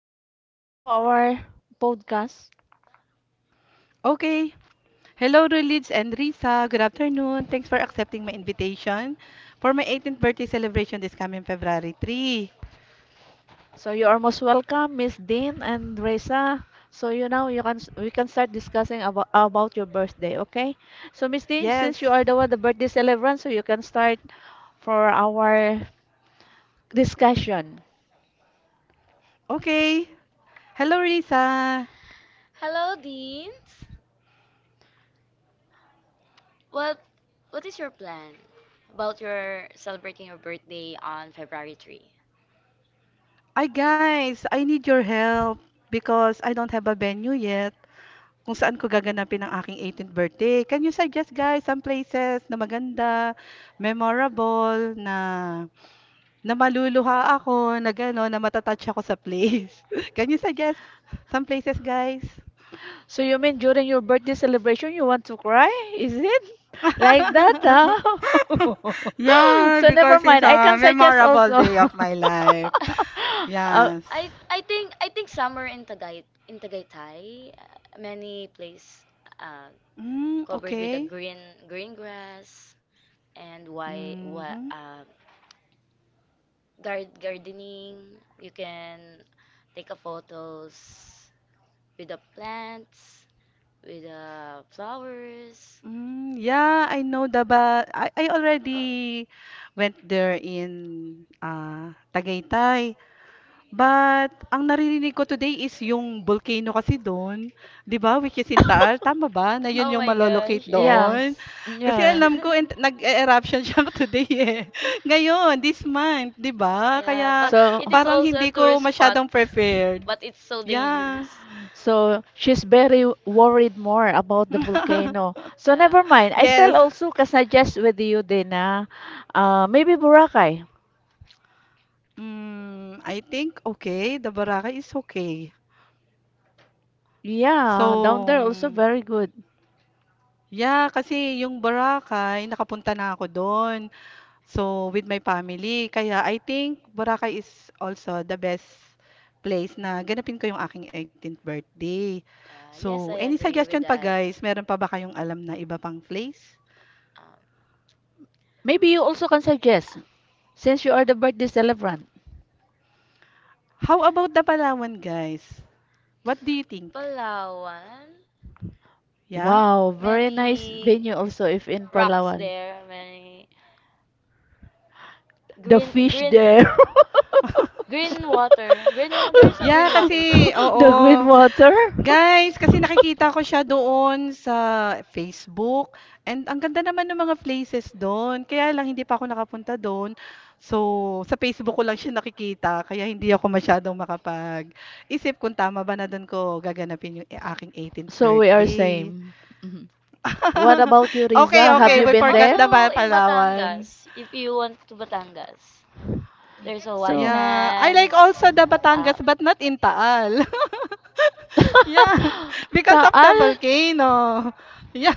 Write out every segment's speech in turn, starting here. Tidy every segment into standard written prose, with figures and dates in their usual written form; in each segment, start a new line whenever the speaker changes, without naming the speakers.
Okay, we'll start now our podcast.
Okay. Hello, Rulids and Risa. Good afternoon. Thanks for accepting my invitation for my 18th birthday celebration this coming February 3.
So you are most welcome, Miss Dean and Reza. So you know you can we can start discussing about your birthday, okay? So Miss Dean, since
Yes.
you are the one the birthday celebrant, so you can start for our discussion.
Okay. Hello, Risa.
Hello, Deans. What what is your plan about your celebrating your birthday on February 3?
Ay, guys, I need your help because I don't have a venue yet kung saan ko gaganapin ang aking 18th birthday. Can you suggest, guys, some places na maganda, memorable, na maluluha ako, na gano'n, na matatouch ako sa place? Can you suggest some places, guys?
So you mean during your birthday celebration you want to cry? Is it like that? Huh?
Yeah,
So never
because it's
mind. I
a
can suggest
memorable
also.
day of my life.
Uh,
Yes.
I think summer in Tagaytay, many place uh,
Mm,
covered with a
okay.
green grass and why
Mm-hmm.
guard gardening. You can take a photos with the plants, with the flowers.
Mm, yeah, I know I already went there in Tagaytay. But ang naririnig ko today is yung volcano kasi dun, 'di ba, which is Sintaal, tama ba na yun
Oh
yung
my
malo-locate
gosh,
Yeah,
doon?
yes.
Kasi
yeah,
alam ko nag eruption siya today, eh, ngayon this month, 'di ba?
Yeah,
Kaya
but
so
it is
parang
also a
hindi ko
tourist spot,
masyadong prepared.
but it's so
Yeah.
dangerous.
She's very worried more about the volcano. So
Yeah.
never mind. I still
Yes.
also can suggest with you, Dina. Maybe Boracay.
I think okay, the Boracay is okay.
Yeah, down
So,
there also very good.
yeah, kasi yung Boracay nakapunta na ako dun. So, with my family. Kaya I think Boracay is also the best place na ganapin ko yung aking 18th birthday.
Uh,
So,
yes, I
any
agree
suggestion
with
pa
that.
guys? Meron pa ba kayong alam na iba pang place?
Um,
Maybe you also can suggest since you are the birthday celebrant.
How about the Palawan guys? What do you think?
Palawan,
Yeah?
Wow, very nice
many
venue also if in
rocks
Palawan.
there, many
The
green,
fish
green,
there.
green water. Green, no, there's a
Yeah,
green water
kasi
there.
The green
oo.
water.
Guys, kasi nakikita ko siya doon sa Facebook and ang ganda naman ng mga places doon, kaya lang hindi pa ako nakapunta doon. So, sa Facebook ko lang siya nakikita kaya hindi ako masyadong makapag-isip kung tama ba na do'n ko gaganapin yung, eh, aking 18th
So we are
birthday.
same. Mhm. What about you,
Okay,
Riza? Have
okay,
you
Somewhere
we
been
forgot
there?
the
also
ba
in
Palawan.
Batangas, if you want to Batangas, there's a white
So.
Yeah, I
sands.
like also the
Um,
Batangas but not in Taal. Yeah, because of the
Taal?
volcano. Yeah,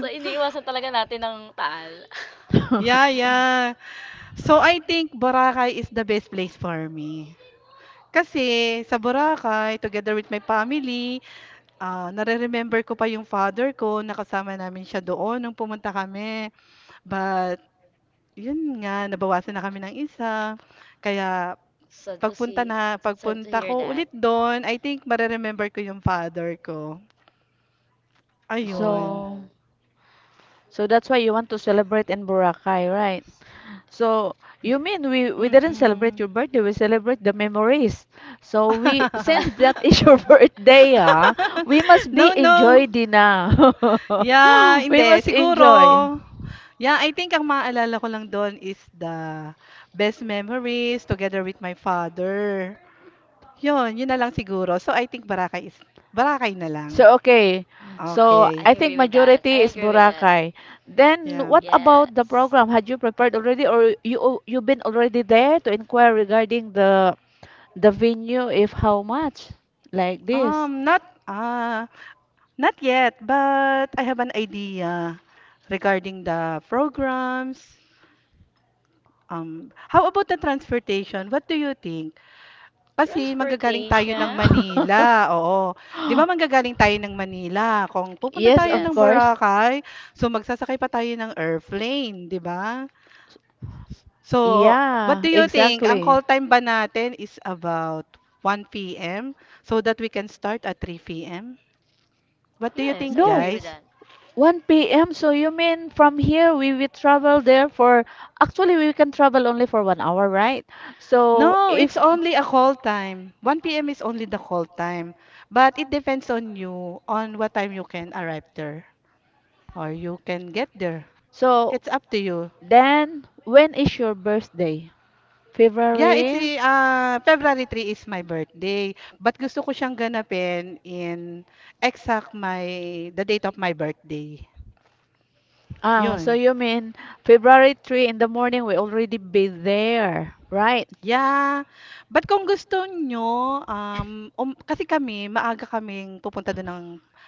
so, iniiwasan talaga natin ng taal.
yeah, yeah. So, I think Boracay is the best place for me. Kasi sa Boracay, together with my family, nare-remember ko pa yung father ko, nakasama namin siya doon nung pumunta kami. But, yun nga, nabawasan na kami ng isa. Kaya,
Sad to see, sad to
pagpunta
hear
ko ulit
that.
doon, I think mare-remember ko yung father ko. Ayun.
Oh,
So, so that's why you want to celebrate in Boracay, right? So, you mean we didn't celebrate
Mm-mm.
your birthday, we celebrate the memories. So we since that is your birthday, ah, we must be
No, no.
enjoy Dina.
Yeah,
We
hindi.
must
Siguro,
enjoy.
yeah, I think ang maaalala ko lang do'n is the best memories together with my father. 'Yun, 'yun na lang siguro. So I think barakay is barakay na lang.
So okay, so
I
Okay.
I think
agree with that.
majority
I
is
agree with that.
Boracay. Then
Yeah.
what about the
Yes.
program? Had you prepared already, or you you been already there to inquire regarding the venue, if how much like this?
Um, not, ah, not yet, but I have an idea regarding the programs. How about the transportation? What do you think? Kasi manggagaling tayo ng
Transportation?
Manila, oo. 'Di ba manggagaling tayo ng Manila, kung pupunta
Yes,
tayo
of
ng
Yes.
course.
Boracay, so magsasakay pa tayo ng airplane, 'di ba? So, what
Yeah,
do you think, ang
exactly.
call time ba natin is about 1 p.m. so that we can start at 3 p.m.? What do you
Yes, I
think,
No,
agree with
guys?
that.
1 p.m. So you mean from here we will travel there for actually we can travel only for 1 hour, right? So
No, it's
if
only a call time. 1 p.m. is only the call time. But it depends on you, on what time you can arrive there or you can get there.
so
It's up to you.
then when is your birthday?
Yeah,
February?
February three is my birthday. But gusto ko siyang ganapin in exact the date of my birthday.
Ah, so
Yun.
you mean February 3 in the morning we already be there, right?
Yeah. But kung gusto nyo, um, um, kasi kami, maaga kaming pupunta doon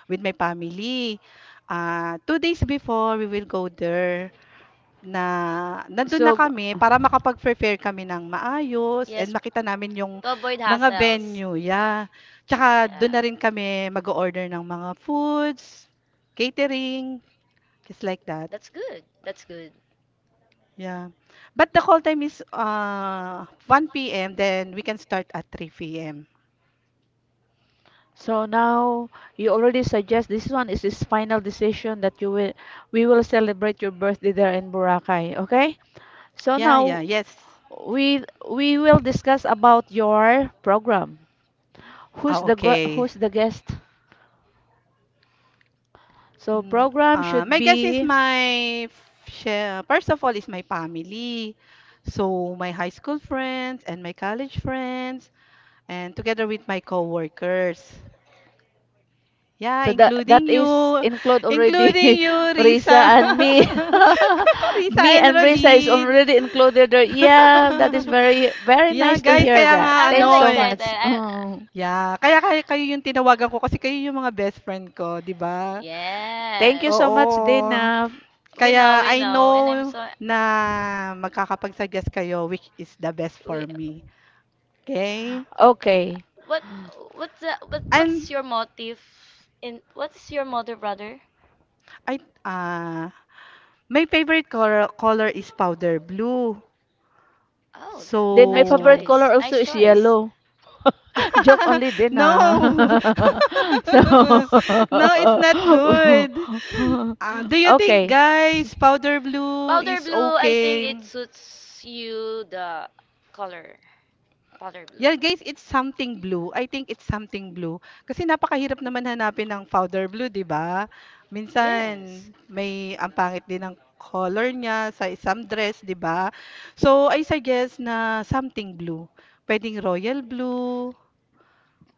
with my family. Two days before, we will go there. Na nandun na
So
kami para makapag-prepare kami ng maayos and
Yes,
makita namin yung
to avoid
mga
hassles.
venue, yeah. Tsaka dun
Yeah.
na rin kami mag order ng mga foods, catering, just like that.
That's good. That's good.
Yeah. But the call time is 1 p.m. then we can start at 3 p.m.
Now you already suggest this one is his final decision that you will we will celebrate your birthday there in Boracay, okay? So
Yeah, yeah,
now
yes.
we will discuss about your program. Who's
Ah,
the go
okay.
who's the guest? So
Mm,
program
ah,
should
my guess is
be
my first of all is my family. So my high school friends and my college friends and together with my coworkers. Yeah,
so that is include already
including you,
Risa
Risa.
Yeah.
and me.
Risa
Me
and
and Risa is
Rolins.
already included there. Yeah, that is very very
Yeah,
nice to
I,
guys,
hear
kaya
I,
nga
that.
I'm
Thanks
really
ano,
so
eh,
excited.
much.
I,
Mm.
yeah, kaya kayo yung tinawagan ko kasi kayo yung mga best friend ko, 'di ba?
Thank you
yes.
so
Oo.
much, Dina.
Kaya
We
I
know, and I'm
know
so
na magkakapag-suggest kayo which is the best
we
for me, okay.
Okay.
what what's the, what
And
what's your motive in what's your motive brother?
I ah, my favorite color color is powder blue.
Oh,
Then my
nice
favorite
So
color
choice.
also
Nice
is
choice.
yellow. Joke only,
no,
Dina. So,
no, it's not good. Ah, do you think
okay. S-
guys powder blue
Powder
is
blue, I think
okay?
it suits you the color. Powder blue.
Yeah, guys, it's something blue. I think it's something blue. Kasi napakahirap naman hanapin ng powder blue, 'di ba? Minsan
Yes.
may ang pangit din ng color niya sa isang dress, 'di ba? So, I suggest na something blue. Pwedeng royal blue,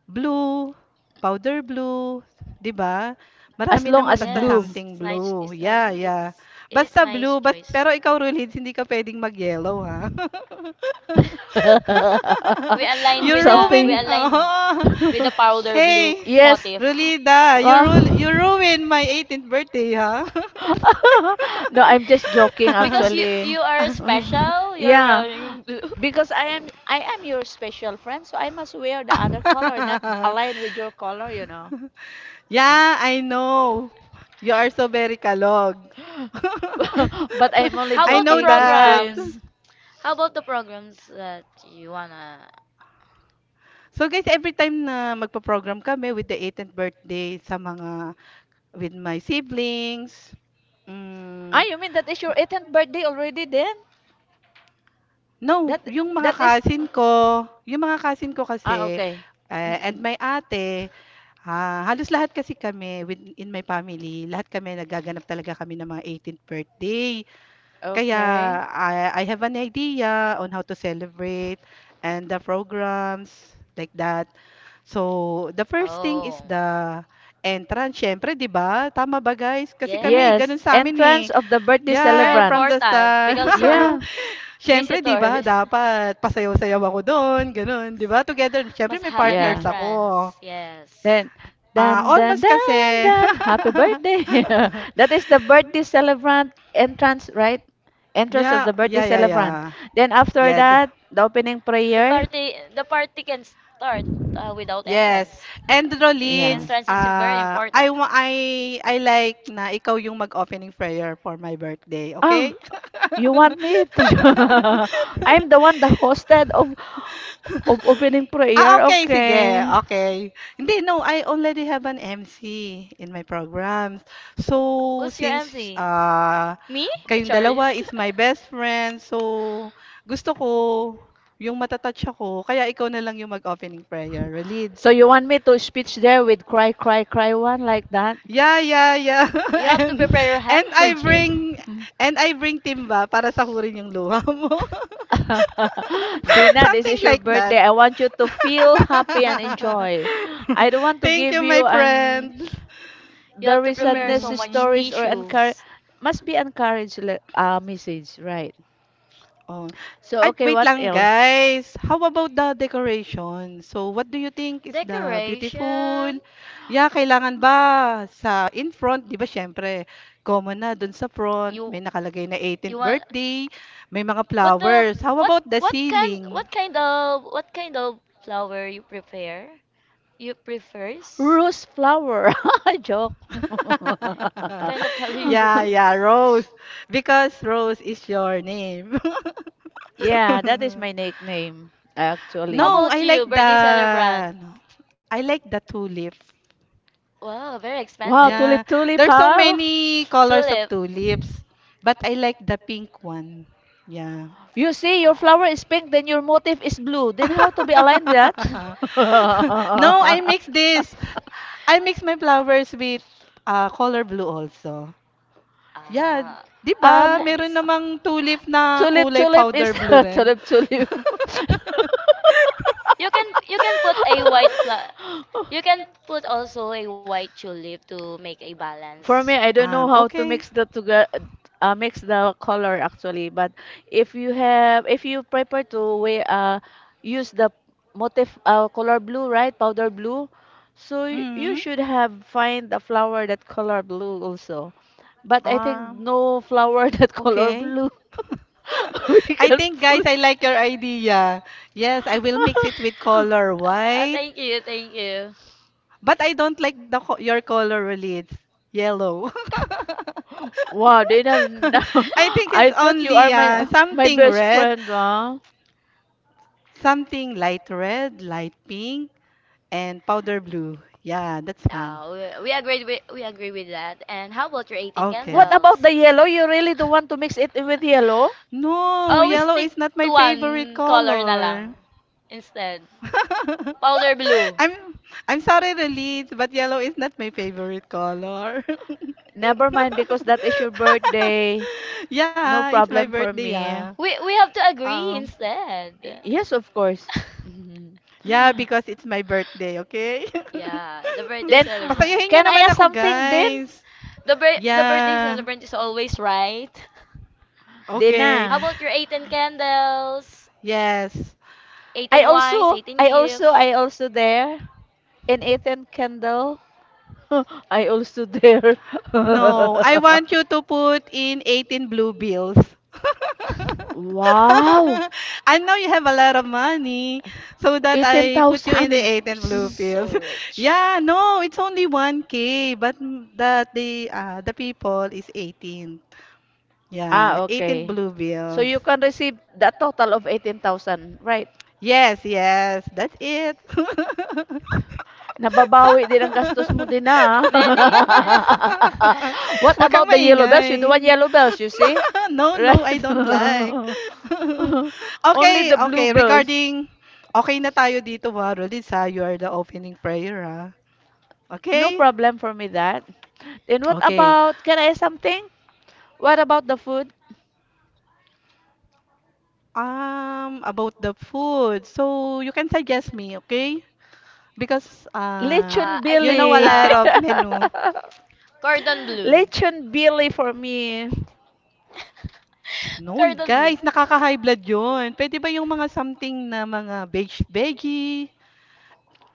blue, powder blue, 'di ba?
As
Marami
long
naman
as
basta
blue.
Yes,
something
it's nice.
blue.
It's nice.
Yeah, yeah.
It is
Basta
nice
blue,
choice.
pero ikaw Rulids, hindi ka pwedeng mag-yellow, ha?
we aligned
You
with the we
ruin.
Something.
aligned with the powder blue
Hey,
Yes.
motif.
Rolida,
Ah.
you ruined my 18th birthday, huh?
No, I'm just joking
Because you
actually.
are special, you're
Yeah.
wearing blue.
Because I am your special friend, so I must wear the other color, not align with your color, you know. Uh.
Yeah, I know. You are so very kalog.
But I'm only
How
I
about the
know
joking, Miss
that.
programs?
Dean.
How about the programs that you wanna?
So guys, every time na magpa-program kami with the 18th birthday sa mga with my siblings,
Ah,
mm,
you mean that is your 18th birthday already then?
no,
That
yung mga
that is
cousin ko, yung mga cousin ko
Ah,
kasi,
okay.
eh, and
Mm-mm.
my ate, ah, halos lahat kasi kami in my family, lahat kami nagaganap talaga kami ng mga 18th birthday. Kaya
Okay.
I have an idea on how to celebrate and the programs like that. So, the first thing is
Oh,
the entrance, syempre, 'di ba? Tama ba, guys? Kasi kami
Yes,
ganun
yes.
sa amin eh.
entrance of the birthday
It's very
Yeah,
celebrant.
from the
important
start.
because your
Yeah,
Syempre, 'di ba?
visitors
Dapat pasayaw-sayaw ako doon, ganun, 'di ba? Together, syempre
must
may
have an
partners
yeah.
ako.
entrance. Yes.
Then,
Ah,
dan, dan,
almost kasi,
dan, dan, happy birthday. That is the birthday celebrant entrance, right? Entrance of
yeah,
the birthday
yeah, yeah,
celebrant.
yeah.
Then after
Yeah.
that, the opening
The
prayer.
party the party can start without
Yes.
entrance.
And
Yeah.
Rollins,
Entrance is very important.
I wa- I like na ikaw yung mag-opening prayer for my birthday,
Ah,
okay?
you want me to? I'm the one that hosted of opening
Ah,
prayer.
okay, sige.
Okay.
Okay. Hindi, no, I already have an MC in my programs. So,
Who's your
since
MC? Me?
kayong dalawa
Charis.
is my best friend, so gusto ko yung matatouch ako, kaya ikaw na lang yung mag-opening prayer. Relids.
So you want me to speech there with cry, cry, cry one like that?
Yeah, yeah, yeah.
You have to
And
prepare your
and
handkerchief.
I bring timba para sahurin yung luha mo.
Dina, this
Something
is your
like that.
birthday. I want you to feel happy and enjoy. I don't want to
Thank
give
you, my
you an
friend.
You have to
very
prepare
sadness
so much
stories
Mm-mm.
or encourage
tissues.
must be encourage message, right?
Oh.
So
At
okay,
wait
what
lang
else?
guys. How about the decoration? So what do you think is the beautiful?
Decoration.
Yeah, kailangan ba sa in front, 'di ba? Syempre, common na dun sa front, may
You
nakalagay na
you
18th
want
birthday, may mga
what the
flowers. How about the ceiling?
what kind of flower you prefer? You prefers?
Rose flower. Joke.
Kind of how you
Yeah,
prefers.
yeah, Rose. Because Rose is your name.
Yeah, that is my nickname,
How
No,
actually.
about
I
you,
like the
birthday celebrant?
ano, I like the tulip.
Wow, very
Wow,
expensive.
Yeah,
tulip
there's
tulip,
so
huh?
many colors of
Tulip.
tulips, but I like the pink one. Yeah.
You see, your
Ah.
flower is pink, then your motif is blue. Then how to be aligned with that?
No, I mix this. I mix my flowers with color blue also. Yeah,
Ah,
'di ba?
um,
Meron
nice.
namang tulip na
tulip
kulay
tulip is
powder blue rin.
tulip tulip.
You can put a white pla you can put also a white tulip to make a balance.
For me, I don't
Um,
know how to
okay.
mix the together, mix the color actually. But if you have, if you prefer to wear, use the motif, color blue, right? Powder blue. So you
Mhm.
should have find a flower that color blue also. But I think
Ah,
no flower that color
okay.
blue we
I
can
think guys,
put.
I like your idea. Yes, I will mix it with color
Ah,
white.
thank you, thank you.
But I don't like the your color really. It's yellow.
Wow, Dina,
I think it's
I thought you
only
are my
something
best
red,
friend, huh?
something light red, light pink, and powder blue. Yeah, that's one.
Ah, we agree with that. And how about your 18
Okay.
What
candles?
about the yellow? You really don't want to mix it with yellow?
No,
Always
yellow
stick
is not my
to
favorite
one color na lang
color.
instead. Powder blue.
I'm I'm sorry, Reliz, but yellow is not my favorite color.
Never mind because that is your birthday.
Yeah,
No
it's my
problem for
birthday, yeah.
me.
We
Y-
we have to agree
Um.
instead.
Yes, of course. Mhm.
Yeah, because it's my birthday, okay?
Yeah, the birthday
Then,
celebrant.
Pasayahin nyo
can I
naman
ask
ako,
something Din?
guys.
The birthday
Yeah.
celebrant is always right.
Dina.
Okay.
How about your 18 candles,
Yes.
18 wines, 18 gift?
I also there. And Ethan Kendall. I also there.
No, I want you to put in 18 blue bills.
Wow!
I know you have a lot of money, so that I put you in the
18,000.
You're
18 blue
so
pills.
rich.
Yeah, no, it's only 1K, but that the people is 18. Yeah,
Ah,
18
okay,
blue
so
bills.
you can receive the total of 18,000, right?
Yes, yes, that's it.
Nababawi din ang gastos mo din, na.
Many, ma-
What
Wag kang
about the yellow bells?
maingay.
You don't want yellow bells, you see?
No,
Right?
no, I don't like.
Only
Okay,
the blue
okay.
bells.
Regarding, okay na tayo dito, ha, Rolis, ha? You are the opening prayer, ha?
No
Okay?
problem for me that. Then what
Okay.
about, can I ask something? What about the food?
About the food. So, you can suggest me, okay? Because,
Lechon
I
you know
think
a
Billy.
lot of menu.
cordon bleu.
Lechon Billy for me.
No,
Cordon bleu.
guys, nakaka-high blood yun. Pwede ba yung mga something na mga veg veggie,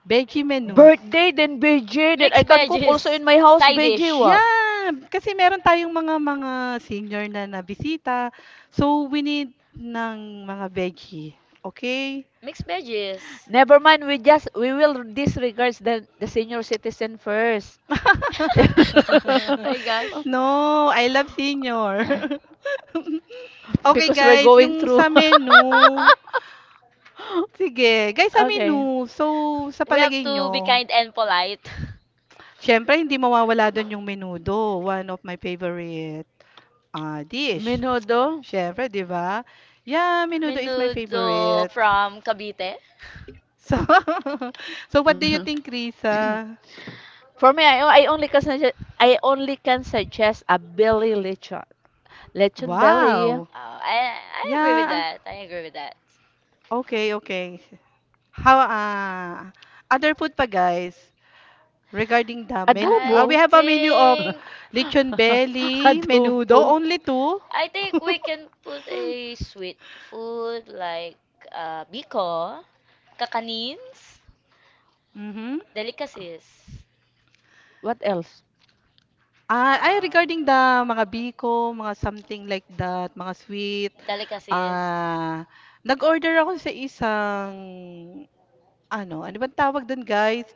veggie menu?
Birthday, then BJ, then I
Mixed
can cook also
veggies.
in my house,
Side
BJ,
dish.
wa.
Yeah, kasi meron tayong mga senior na nabisita. So we need ng mga veggie. Okay?
Mixed veggies.
Never mind, we just we will disregard the senior citizen first.
My gosh.
No, I love senior. Okay
Because we're
guys,
going
yung
through.
sa menu. Sige, guys sa
Okay.
menu. So sa
We have
palagay
to be
nyo,
kind and polite.
syempre hindi mawawala doon yung menudo. One of my favorite dish.
Menudo.
Syempre, 'di ba? Yeah, menudo is my
Menudo
favorite.
from Cavite.
So, so what do you think, Risa?
For me, I only can suggest a belly lechon. Lechon belly,
Wow.
Oh, I agree with
Yeah.
that. I agree with that.
Okay, okay. How other food pa guys regarding the men
adobo.
I
we have a menu of
think
lechon belly, menudo,
Adobo.
only two.
I think we can put a sweet food like biko, kakanins,
Mhm.
delicacies.
What else?
Ah, ay
Um,
regarding the mga biko, mga something like that, mga sweet.
delicacies.
Ah, nag-order ako sa isang ano, ano bang tawag dun guys?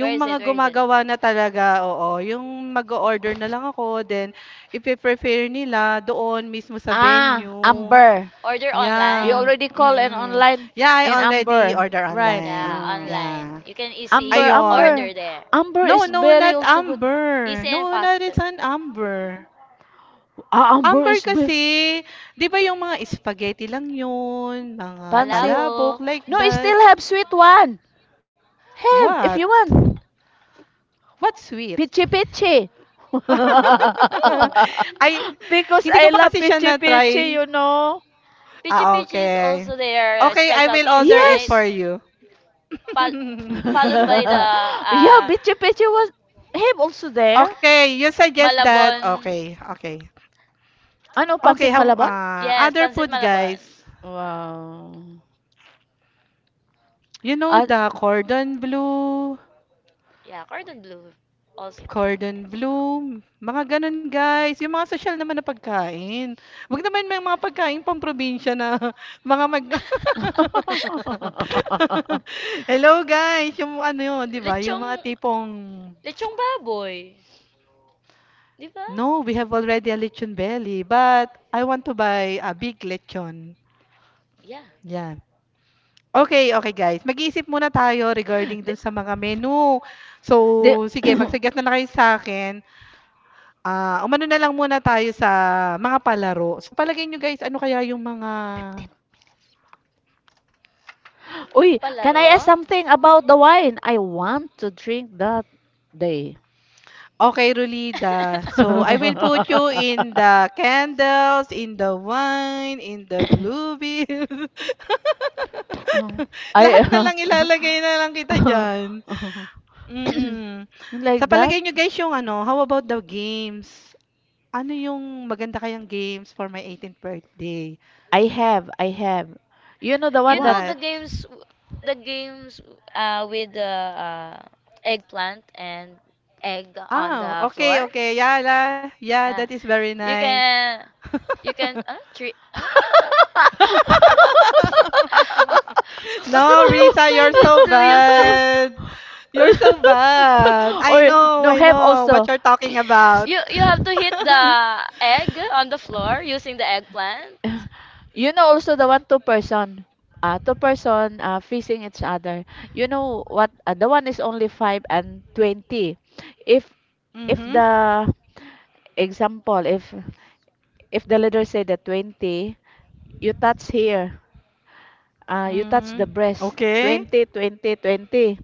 Where is
mga
it? Where is it?
gumagawa na talaga, oo, yung mag order na lang ako then ipe-prepare nila doon mismo sa
Ah,
venue.
amber.
Order
You
Yeah.
already
online.
call an
Mm.
online
Yeah, I
an
already
amber,
order
right?
Yeah,
online.
online.
Yeah.
You can
Amber,
easy
Ayon.
Amber.
order there.
Amber is
No, no,
very
not
also good.
Amber.
Easy and
No, not is
faster.
an Amber.
Ah, Amber
Amber
is be
kasi, di ba yung mga spaghetti lang yun, mga
pancit.
palabok,
Palabok.
like
No, you
that.
still have sweet one. Have if
What?
you want.
What's sweet?
Pichi pichi.
Oh,
Ay,
Because
hindi ko
I
pa kasi
love
siya
pichi pichi,
na-try.
you know.
Pichi
Ah,
Pichi is
okay,
also their
okay I will
specialties,
order it
right?
for
Yes.
you.
Fol- followed by
Yeah,
the uh,
pichi pichi was have also there.
Okay, you suggest that.
Malabon.
Okay, okay,
Ano
okay
pancit
how
malabon?
Yes,
other
Pancit
foods,
Malabon.
guys.
Wow.
You know
Ah,
the
Yeah, Cordon Bleu also.
cordon bleu, mga gano'n, guys. Yung mga sosyal naman na pagkain. Huwag naman may mga pagkain pamprobinsya na mga mag Hello guys, yung ano yun, 'di ba? Yung
lechong,
mga tipong,
lechong baboy. Di ba?
"No, we have already a lechon belly, but I want to buy a big lechon."
Yeah,
Yan. Okay, okay guys. Mag-iisip muna tayo regarding
the
dun sa mga menu.
the
So, sige, mag-suggest na lang kayo sa akin. Ah, umano na lang muna tayo sa mga palaro. Sa palagay nyo guys, ano kaya yung mga.
Uy, can I ask
palaro.
something about the wine? I want to drink that day.
Okay, Rulida. So, I will put you in the candles, in the wine, in the bluebill.
Oh,
Lahat na
I
lang ilalagay na lang kita diyan. Mm. Sa
like that.
palagay nyo guys yung ano, how about the games? Ano yung maganda kayang games for my 18th birthday?
I have. You know the
You
one
know
that
What?
the games with the eggplant and egg on
Oh,
the
okay,
floor.
okay. Yeah, yeah, that
Uh,
is very
you
nice.
can, you can. What, what's the
No,
terms
Risa,
I
you're
need
so
to use this?
bad. You're so bad. I
Or
know,
no,
I
have
know what
also.
you're talking about.
You have to hit the egg on the floor using the eggplant.
You know also the 1 2 person two person facing each other. You know what the one is only 5 and 20. If if
Mm-hmm.
the example if the leader say the 20, you touch here. You touch the
Mm.
breast.
Okay.
20 20, 20.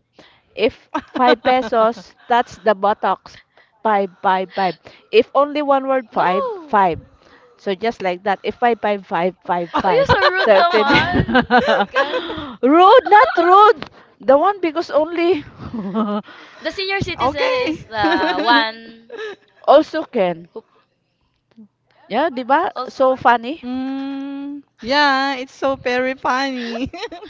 If 5 pesos, touch the buttocks. Five, 5, 5. If only one word, 5,
No.
5. So just like that. If 5, five, five, five,
Oh, you're
five.
so rude
So if 20.
naman. My gosh.
Rude, not rude. The one because only
The senior citizen
Okay.
is the one
also can.
who
Yeah, di ba? So
also
funny.
mm, yeah, it's so very funny.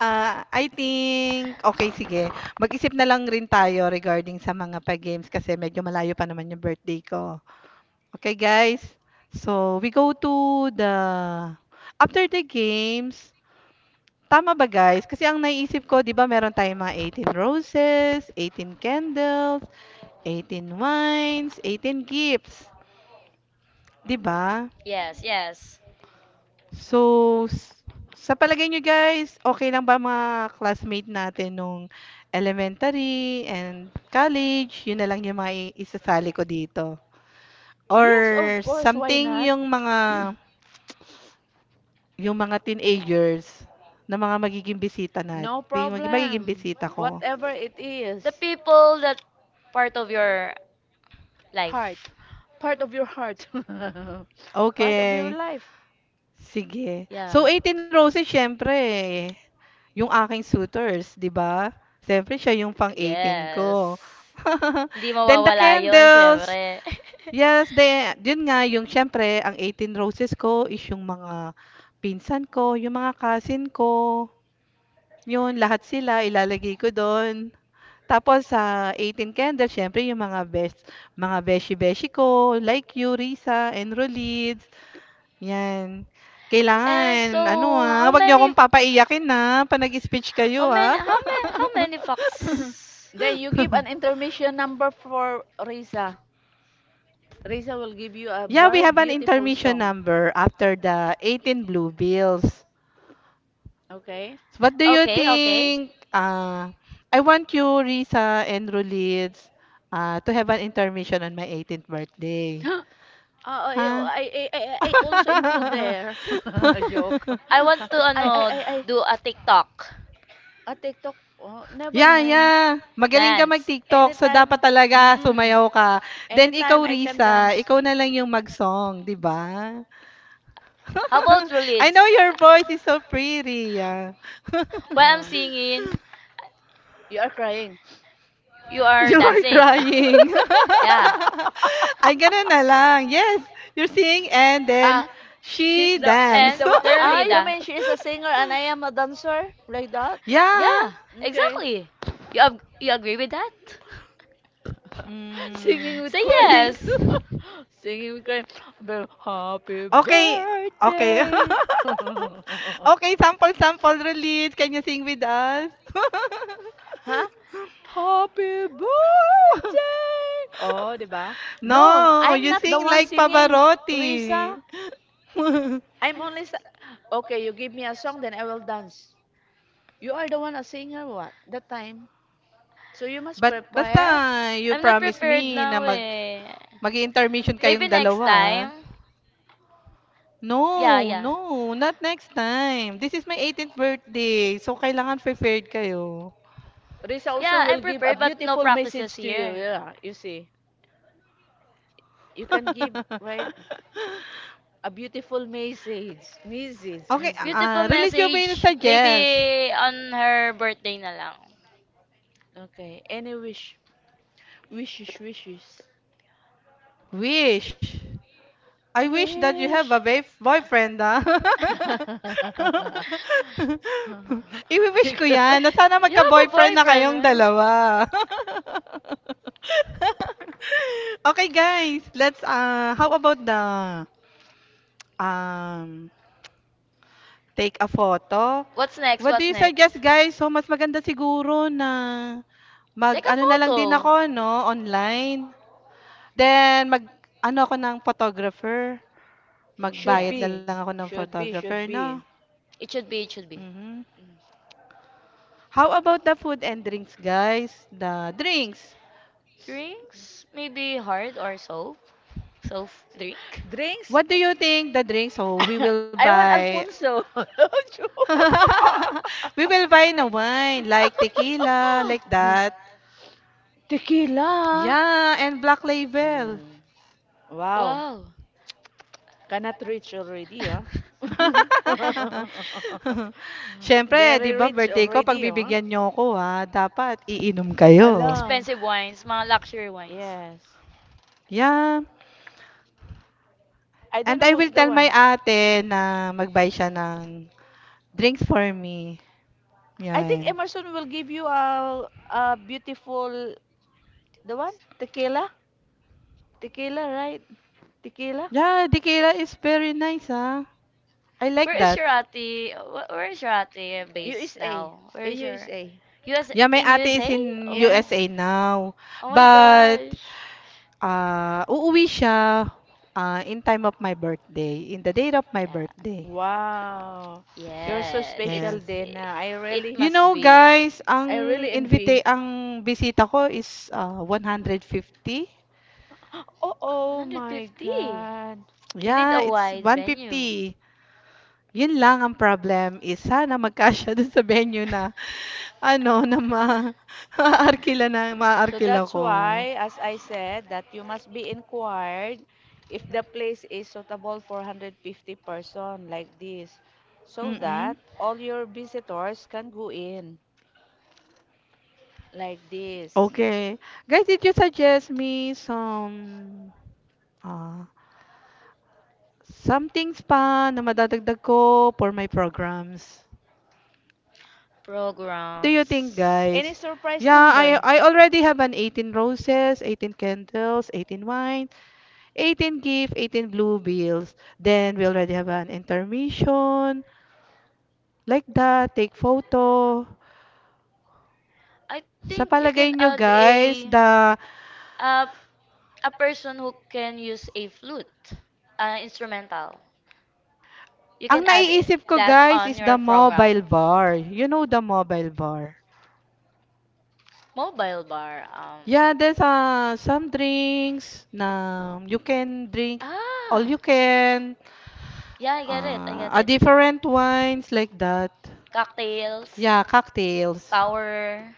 I think okay, sige. Mag-isip na lang rin tayo regarding sa mga pa-games kasi medyo malayo pa naman yung birthday ko. Okay, guys. So, we go to after the games. Tama ba, guys? Kasi ang naiisip ko, 'di ba, meron tayong mga 18 roses, 18 candles, 18 wines, 18 gifts, 'di ba?
yes, yes.
So, sa palagay niyo guys, okay lang ba mga classmate natin nung elementary and college? Yun na lang yung mga isasali ko dito. Or
Yes, of course. Why
something
not?
yung mga teenagers na mga magiging bisita nat
No
bi magi magiging
problem.
bisita ko.
Whatever it
The
is.
people that part of your life.
Heart, part of your heart, part of your
Okay,
life.
sige.
Yeah.
So, 18 Roses siyempre yung aking suitors, 'di ba? Siyempre siya yung pang 18
Yes.
ko.
Hindi
Then the
mawawala 'yon,
candles.
syempre.
Yes, yun nga yung siyempre ang 18 roses ko is yung mga pinsan ko, yung mga cousin ko, yun lahat sila ilalagay ko dun. Tapos sa 18 candles, siyempre yung mga best, mga beshi-beshi ko, like you, Risa, and Rolids. Yan.
And
Kailangan,
so, how
wag niyo
many.
akong papaiyakin na pa speech
How
kayo, ah.
many? How many? How many fox?
Then you give an intermission number for Risa. Risa will give you a
Yeah, we
very
have an
beautiful
intermission
song.
number after the 18 blue bills.
Okay?
So, what do you
Okay, okay.
think? I want you, Risa and Rulids, to have an intermission on my 18th birthday.
Uh, I,
Huh?
I also include there. Joke.
I want to
I, I,
ano
I, I,
do a TikTok
a TikTok. Oh, never
Yeah,
mind.
yeah. Magaling ka
dance.
mag-TikTok, so dapat
Anytime.
talaga
Mm-mm.
sumayaw ka. Then ikaw,
Anytime I can
Risa,
dance.
ikaw na lang yung mag-song, di ba?
How about
I know
release?
your voice is so pretty. Yeah.
While I'm
Uh,
singing,
you are crying.
you are
You are
dancing.
crying.
Yeah.
Ay, ganun na lang. Yes, you're seeing and then
Ah. She's
she
the
dance.
And
one.
they're
Ah, you
Lida.
mean she is a singer and I am a dancer like that?
Yeah.
Yeah,
Okay.
exactly. You agree with that?
Singing
Mm.
with
Say
crying.
yes.
Singing with crying. The happy
Okay, okay.
birthday.
Okay, sample, sample, release. Can you sing with us?
Huh? Happy birthday. Oh, 'di ba? No,
No, you
I'm not
sing
the one
like
singing,
Pavarotti.
Risa. I'm only sa Okay, you give me a song then I will dance. You are the one a singer what? That time. So you must
But
prepare
basta, you
I'm not
promise
prepared
me na
now
mag
eh.
mag intermission
Maybe
kayong
next
dalawa, ah.
time. Yeah,
No,
yeah.
no, not next time. This is my 18th birthday, so kailangan prepared kayo.
This also
Yeah, I'm
will give a
prepared, but no
beautiful
practices
message to you.
here.
Yeah, you see. You can give, right? A beautiful message. Message,
Okay,
message.
Beautiful
religion will
message.
suggest.
Maybe on her birthday na lang.
Okay. Any wish. Wishes, wishes.
Wish. I wish that you have a
Wish.
boyfriend, ah. Iwi-wish ko yan, na sana
You have a
magka-boyfriend na
boyfriend,
kayong
right?
dalawa. Okay, guys, let's, how about the, um, take a photo?
What's next?
What do
What's
you
next?
suggest guys? So mas maganda siguro na
Take a
mag-ano na lang din
photo.
ako 'no, online. Then mag-ano ako ng photographer,
Should
magbayad na
be.
Yes.
lang ako ng
Should
photographer,
be.
'no?
It should be, it should be.
Mhm. How about the food and drinks guys? The drinks.
Drinks? Maybe hard or soap? Soap drink?
Drinks?
What do
What do
you
you
think the
think?
drinks? So
The drinks
we
will be?
will
I want
buy
Alfonso. We will
we will buy na
buy no. Wine,
wine like tequila, like
like
that.
Tequila. Like
Yeah, and black
No. that. Tequila.
label.
Mm, wow.
Wow.
Cannot reach already, huh?
Siyempre 'di
Very
ba
rich
birthday ko
already, huh?
pagbibigyan nyo ko, ah, dapat iinom kayo.
Allah.
Expensive wines, mga luxury wines.
Yes.
Yeah,
I don't
and
know
I
who's
will
the
tell my
one.
ate na mag-buy siya ng drinks for me,
I think
'yan.
Emerson will give you a beautiful, the one? Tequila? Tequila, right? Tequila?
Yeah, tequila is very nice, ah, I like
Where is
that.
your ate? Where is your ate base
USA.
now? Where
In
is your
USA.
US
Yeah, my
in
ate is
USA?
in
Oh,
Yes.
USA now,
oh my
but,
gosh.
uuwi siya, in time of my birthday, in the date of my
Yeah,
birthday,
Wow. You're so
yeah. It's
special,
yes.
it,
Dana.
it
You
must
know,
be
guys, ang
I really envy.
invite ang bisita ko is, ah, 150.
Oh, oh my
150.
God.
You need
Yeah,
a
it's
wide venue.
150. Yun lang ang problem is sana magkasya dun sa venue na ano na ma
So
maarkila
that's
ko.
why, as I said, that you must be inquired if the place is suitable for 150-person like this, so that
Mm-mm.
all your visitors can go in like this.
Okay, guys, did you suggest me some uh, things pa na madadagdag ko for my programs? Do you think,
Programs.
Any
guys?
surprise
Yeah, I
number?
I already have an 18 roses, 18 candles, 18 wine, 18 gift, 18 blue bills. Then we already have an intermission like that, take photo.
I
Sa
think you can
palagay nyo
add
guys,
uh, a person who can use a flute, instrumental. You
ang
can add
naiisip
it,
ko
that
guys
on
is
your
the
program.
mobile bar. You know the mobile bar.
Mobile bar.
Yeah, there's, some drinks na you can drink all
Ah.
you can,
Yeah, I get it. I get
a
it.
different wines like that.
Cocktails,
Yeah, cocktails.
power.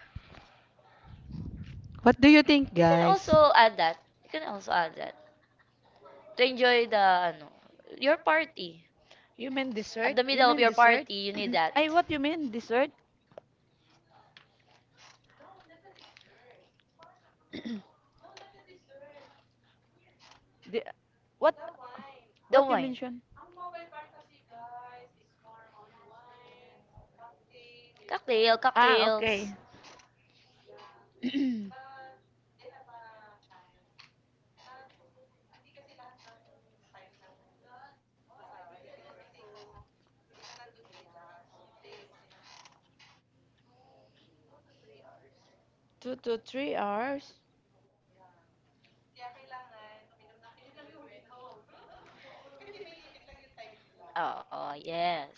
What do you think,
You can
guys?
also add that. You can also add that to enjoy the ano your party.
You mean dessert?
At the
You
middle of
mean
your
dessert?
party, you need that.
Ay, what you mean dessert? The, what
The
you
wine.
mention?
Cocktail,
Ah,
cocktails.
okay. 2 to 3 hours.
Oh, yes.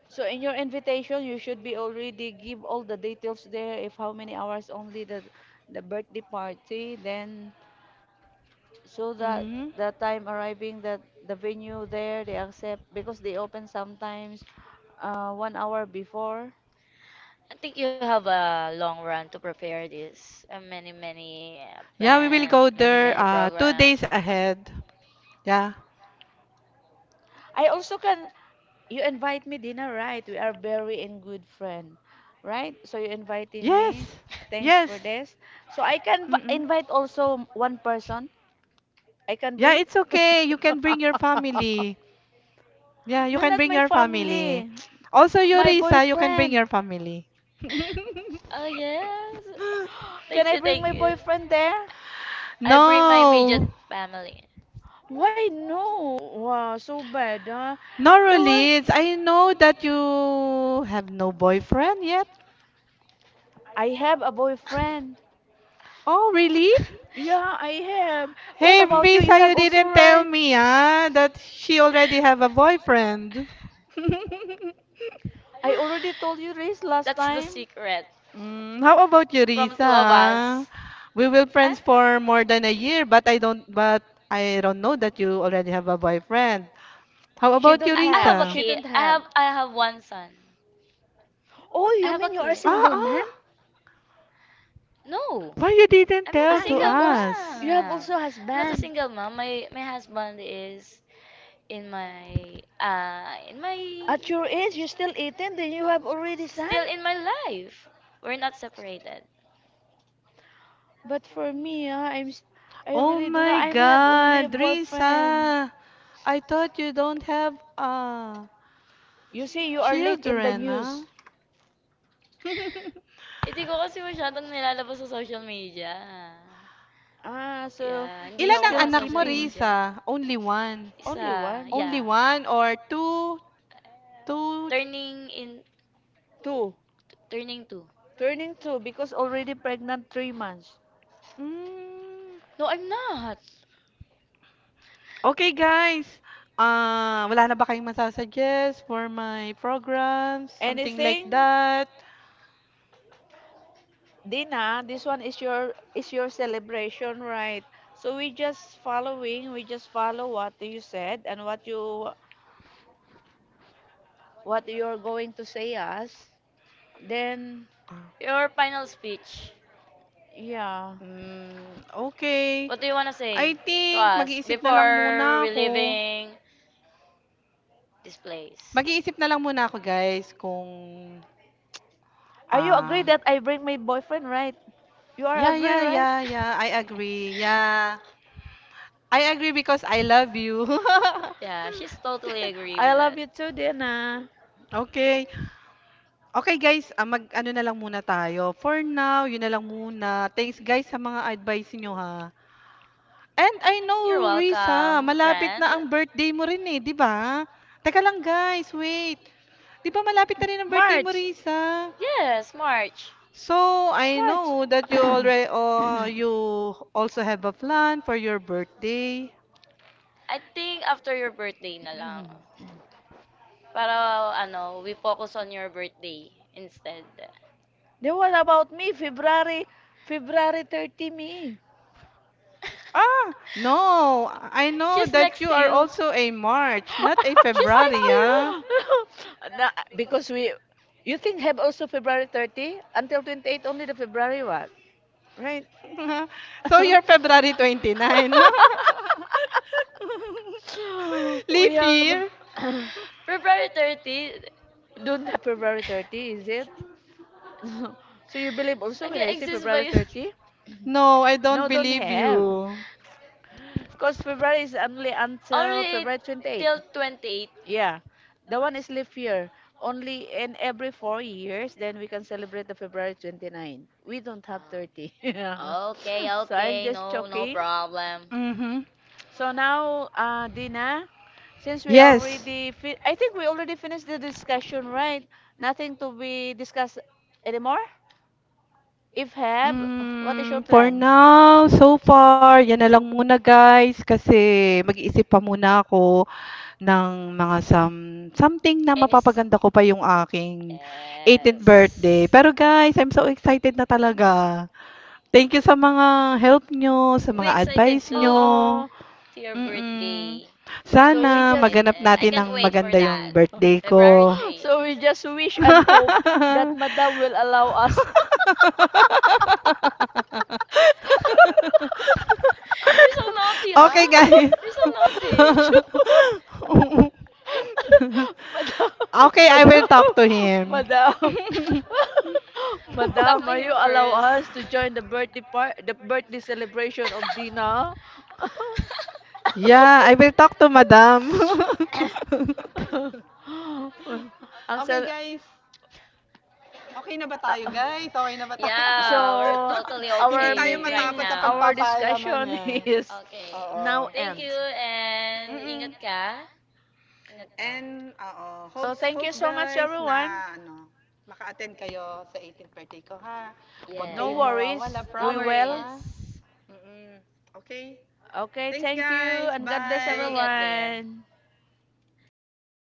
So in your invitation, you should be already give all the details there. If how many hours only the birthday party, then so that
Hmm,
the time arriving that the venue there they accept because they open sometimes 1 hour before.
I think you have a long run to prepare this. Many, many
yeah, we will
plan,
go
many,
there
many
two
program.
days ahead. Yeah.
I also can You invite me dinner, right? We are very in good friend, right? So you inviting me.
Yes.
Thanks for
Yes.
this. So I can
Mm-mm.
invite also one person. I can
Yeah,
bring.
it's okay. You can bring your family. Yeah, you
No,
can
not
bring
my
your family.
family.
Also,
My
Yorisa, you can bring your
boyfriend.
family.
Oh, yes.
Can
Thank
I
you,
bring
thank
my
you.
boyfriend there?
I bring my immediate
No,
family.
Why no? Wow, so bad, huh?
no,
The one
Rollins. I know that you have no boyfriend yet.
I have a boyfriend.
Oh, really?
Yeah, I have. What
Hey
about you? You
Risa, you
have also,
didn't tell
right?
me, ah, that she already have a boyfriend.
I already told you Riz last
That's the
time.
secret
Mm, how about you,
from
Risa,
two of
ah?
us.
We will
Ah?
friends for more than a year, but I don't know that you already have a boyfriend. How
She
about you,
don't
I
have.
have a
Risa?
She
kid.
don't
I
have.
have I have one son.
Oh,
I have
you
a
mean you are
kid.
single ma'am?
Ah,
No,
why you didn't
I'm not a
tell
Ah,
to
you
single
have also
us?
mom. I'm not a
husband.
single mom. My husband is in my
At your age, you're still 18, then you have already son?
still in my life. We're not separated.
But for me, ah, I
Oh
really do not.
my
I have only a
God,
boyfriend.
Risa, I thought you don't have
You see, you are late in the
children,
news.
huh?
Hindi ko kasi masyadong nilalabas sa social media.
Ah, so
Yeah, hindi
she's
Ilan
ako
ang
still
anak mo,
maka-social
keeping
media.
Risa?
only
Isa,
one,
Only
yeah.
one or two.
Turning in,
two.
turning two.
Turning two because already pregnant 3 months.
Hmm.
No, I'm not.
Okey guys, ah, wala na ba kayong masu for my programs, something like
Anything?
that?
Dina, this one is your celebration, right? So we just following, we just follow what you said and what you what you're going to say us. Then
Your final speech.
yeah.
Hmm, okey.
What do you wanna
I
say to
think
us
mag-iisip na lang
before
muna
we
ako.
leaving this place?
Mag-iisip na lang muna ako guys kung,
Are you agree
ah,
that I bring my boyfriend, right? You are
yeah,
agree,
yeah,
right?
yeah, yeah. I agree because I love you.
Yeah, she's totally agree
I
with
love
that.
you too, Dina.
Okay, okay guys, ah, mag-ano na lang muna tayo. For now, yun na lang muna. Thanks guys sa mga advice niyo, ha. And I
You're
know Risa,
welcome,
malapit
friend.
na ang birthday mo rin, eh, 'di ba? Teka lang guys, wait. 'Di ba malapit na rin ang birthday mo
March.
Risa?
Yes, March.
So, I
March.
know that you already, oh, you also have a plan for your birthday.
I think after your birthday na lang. Para ano, we focus on your birthday instead.
Then what about me? February 30 me.
Ah, no, I know
She's
that
next
you
to
are
you.
also a March, not a
She's next
February,
to you.
ah.
Na, because we, you think have also February 30 until 28 only the February what, right?
So you're February 29. Leap
We have
year?
February 30.
don't have February 30, is it? So you believe also when I say
Nag-exist ba
February
yun?
30?
No, I don't
No, don't
believe
have.
you.
Because February is only until
Only
February 28th.
till 28.
Yeah, the one is leap year. Only in every 4 years, then we can celebrate the February 29. We don't have 30. Yeah.
Oh, okay,
So I'm
okay,
just
no, no
joking.
problem.
Mm-hmm.
So now, Dina, since we
Yes.
already, I think we already finished the discussion, right? Nothing to be discussed anymore? If have, what is
Mm,
your
for
plan?
now, so far, yan na lang muna guys kasi mag-iisip pa muna ako ng mga something na
And it's
mapapaganda ko pa yung aking 18th birthday.
yes.
Pero guys, I'm so excited na talaga. Thank you sa mga help nyo, sa
We
mga
excited
advice
Oh,
nyo.
too
oh.
to your
Mm.
birthday. I'm so so
So
much
we
Sana
just.
maganap
excited. I
natin ng
can't wait for
maganda yung
that.
birthday
February
ko.
So we just wish and hope that Madam will allow us.
3. You're so naughty, huh?
Okay guys.
You're so naughty.
Madam,
Okay, I will
Madam,
talk to him.
Madam,
Talk
Madam,
to
are you
him
allow
first.
us to join the the birthday celebration of Dina?
Yeah, I will talk to Madam. Okay
Axel,
guys, okay na ba
uh,
tayo
uh,
guys? Okey na ba tayo?
Yeah, we're
so
totally
Hindi
our
tayo
okay right
matapos
meeting,
sa
now.
our
pagpapaalaman,
discussion
eh.
is
Okay.
now
Oo,
Thank
end.
you and
mm.
ingat ka. Ingat ka.
And, oo,
So
hope
thank you so much,
guys na
everyone.
ano, maka-attend kayo sa 18 birthday ko, ha. Huwag kayong
Yes.
No
mawawala,
worries,
No
we
promise, ha.
will.
worries.
Mm-mm. Okay?
Okay,
Thanks
thank you,
guys.
and God
We
bless
will
Bye.
get there.
everyone.
Bye.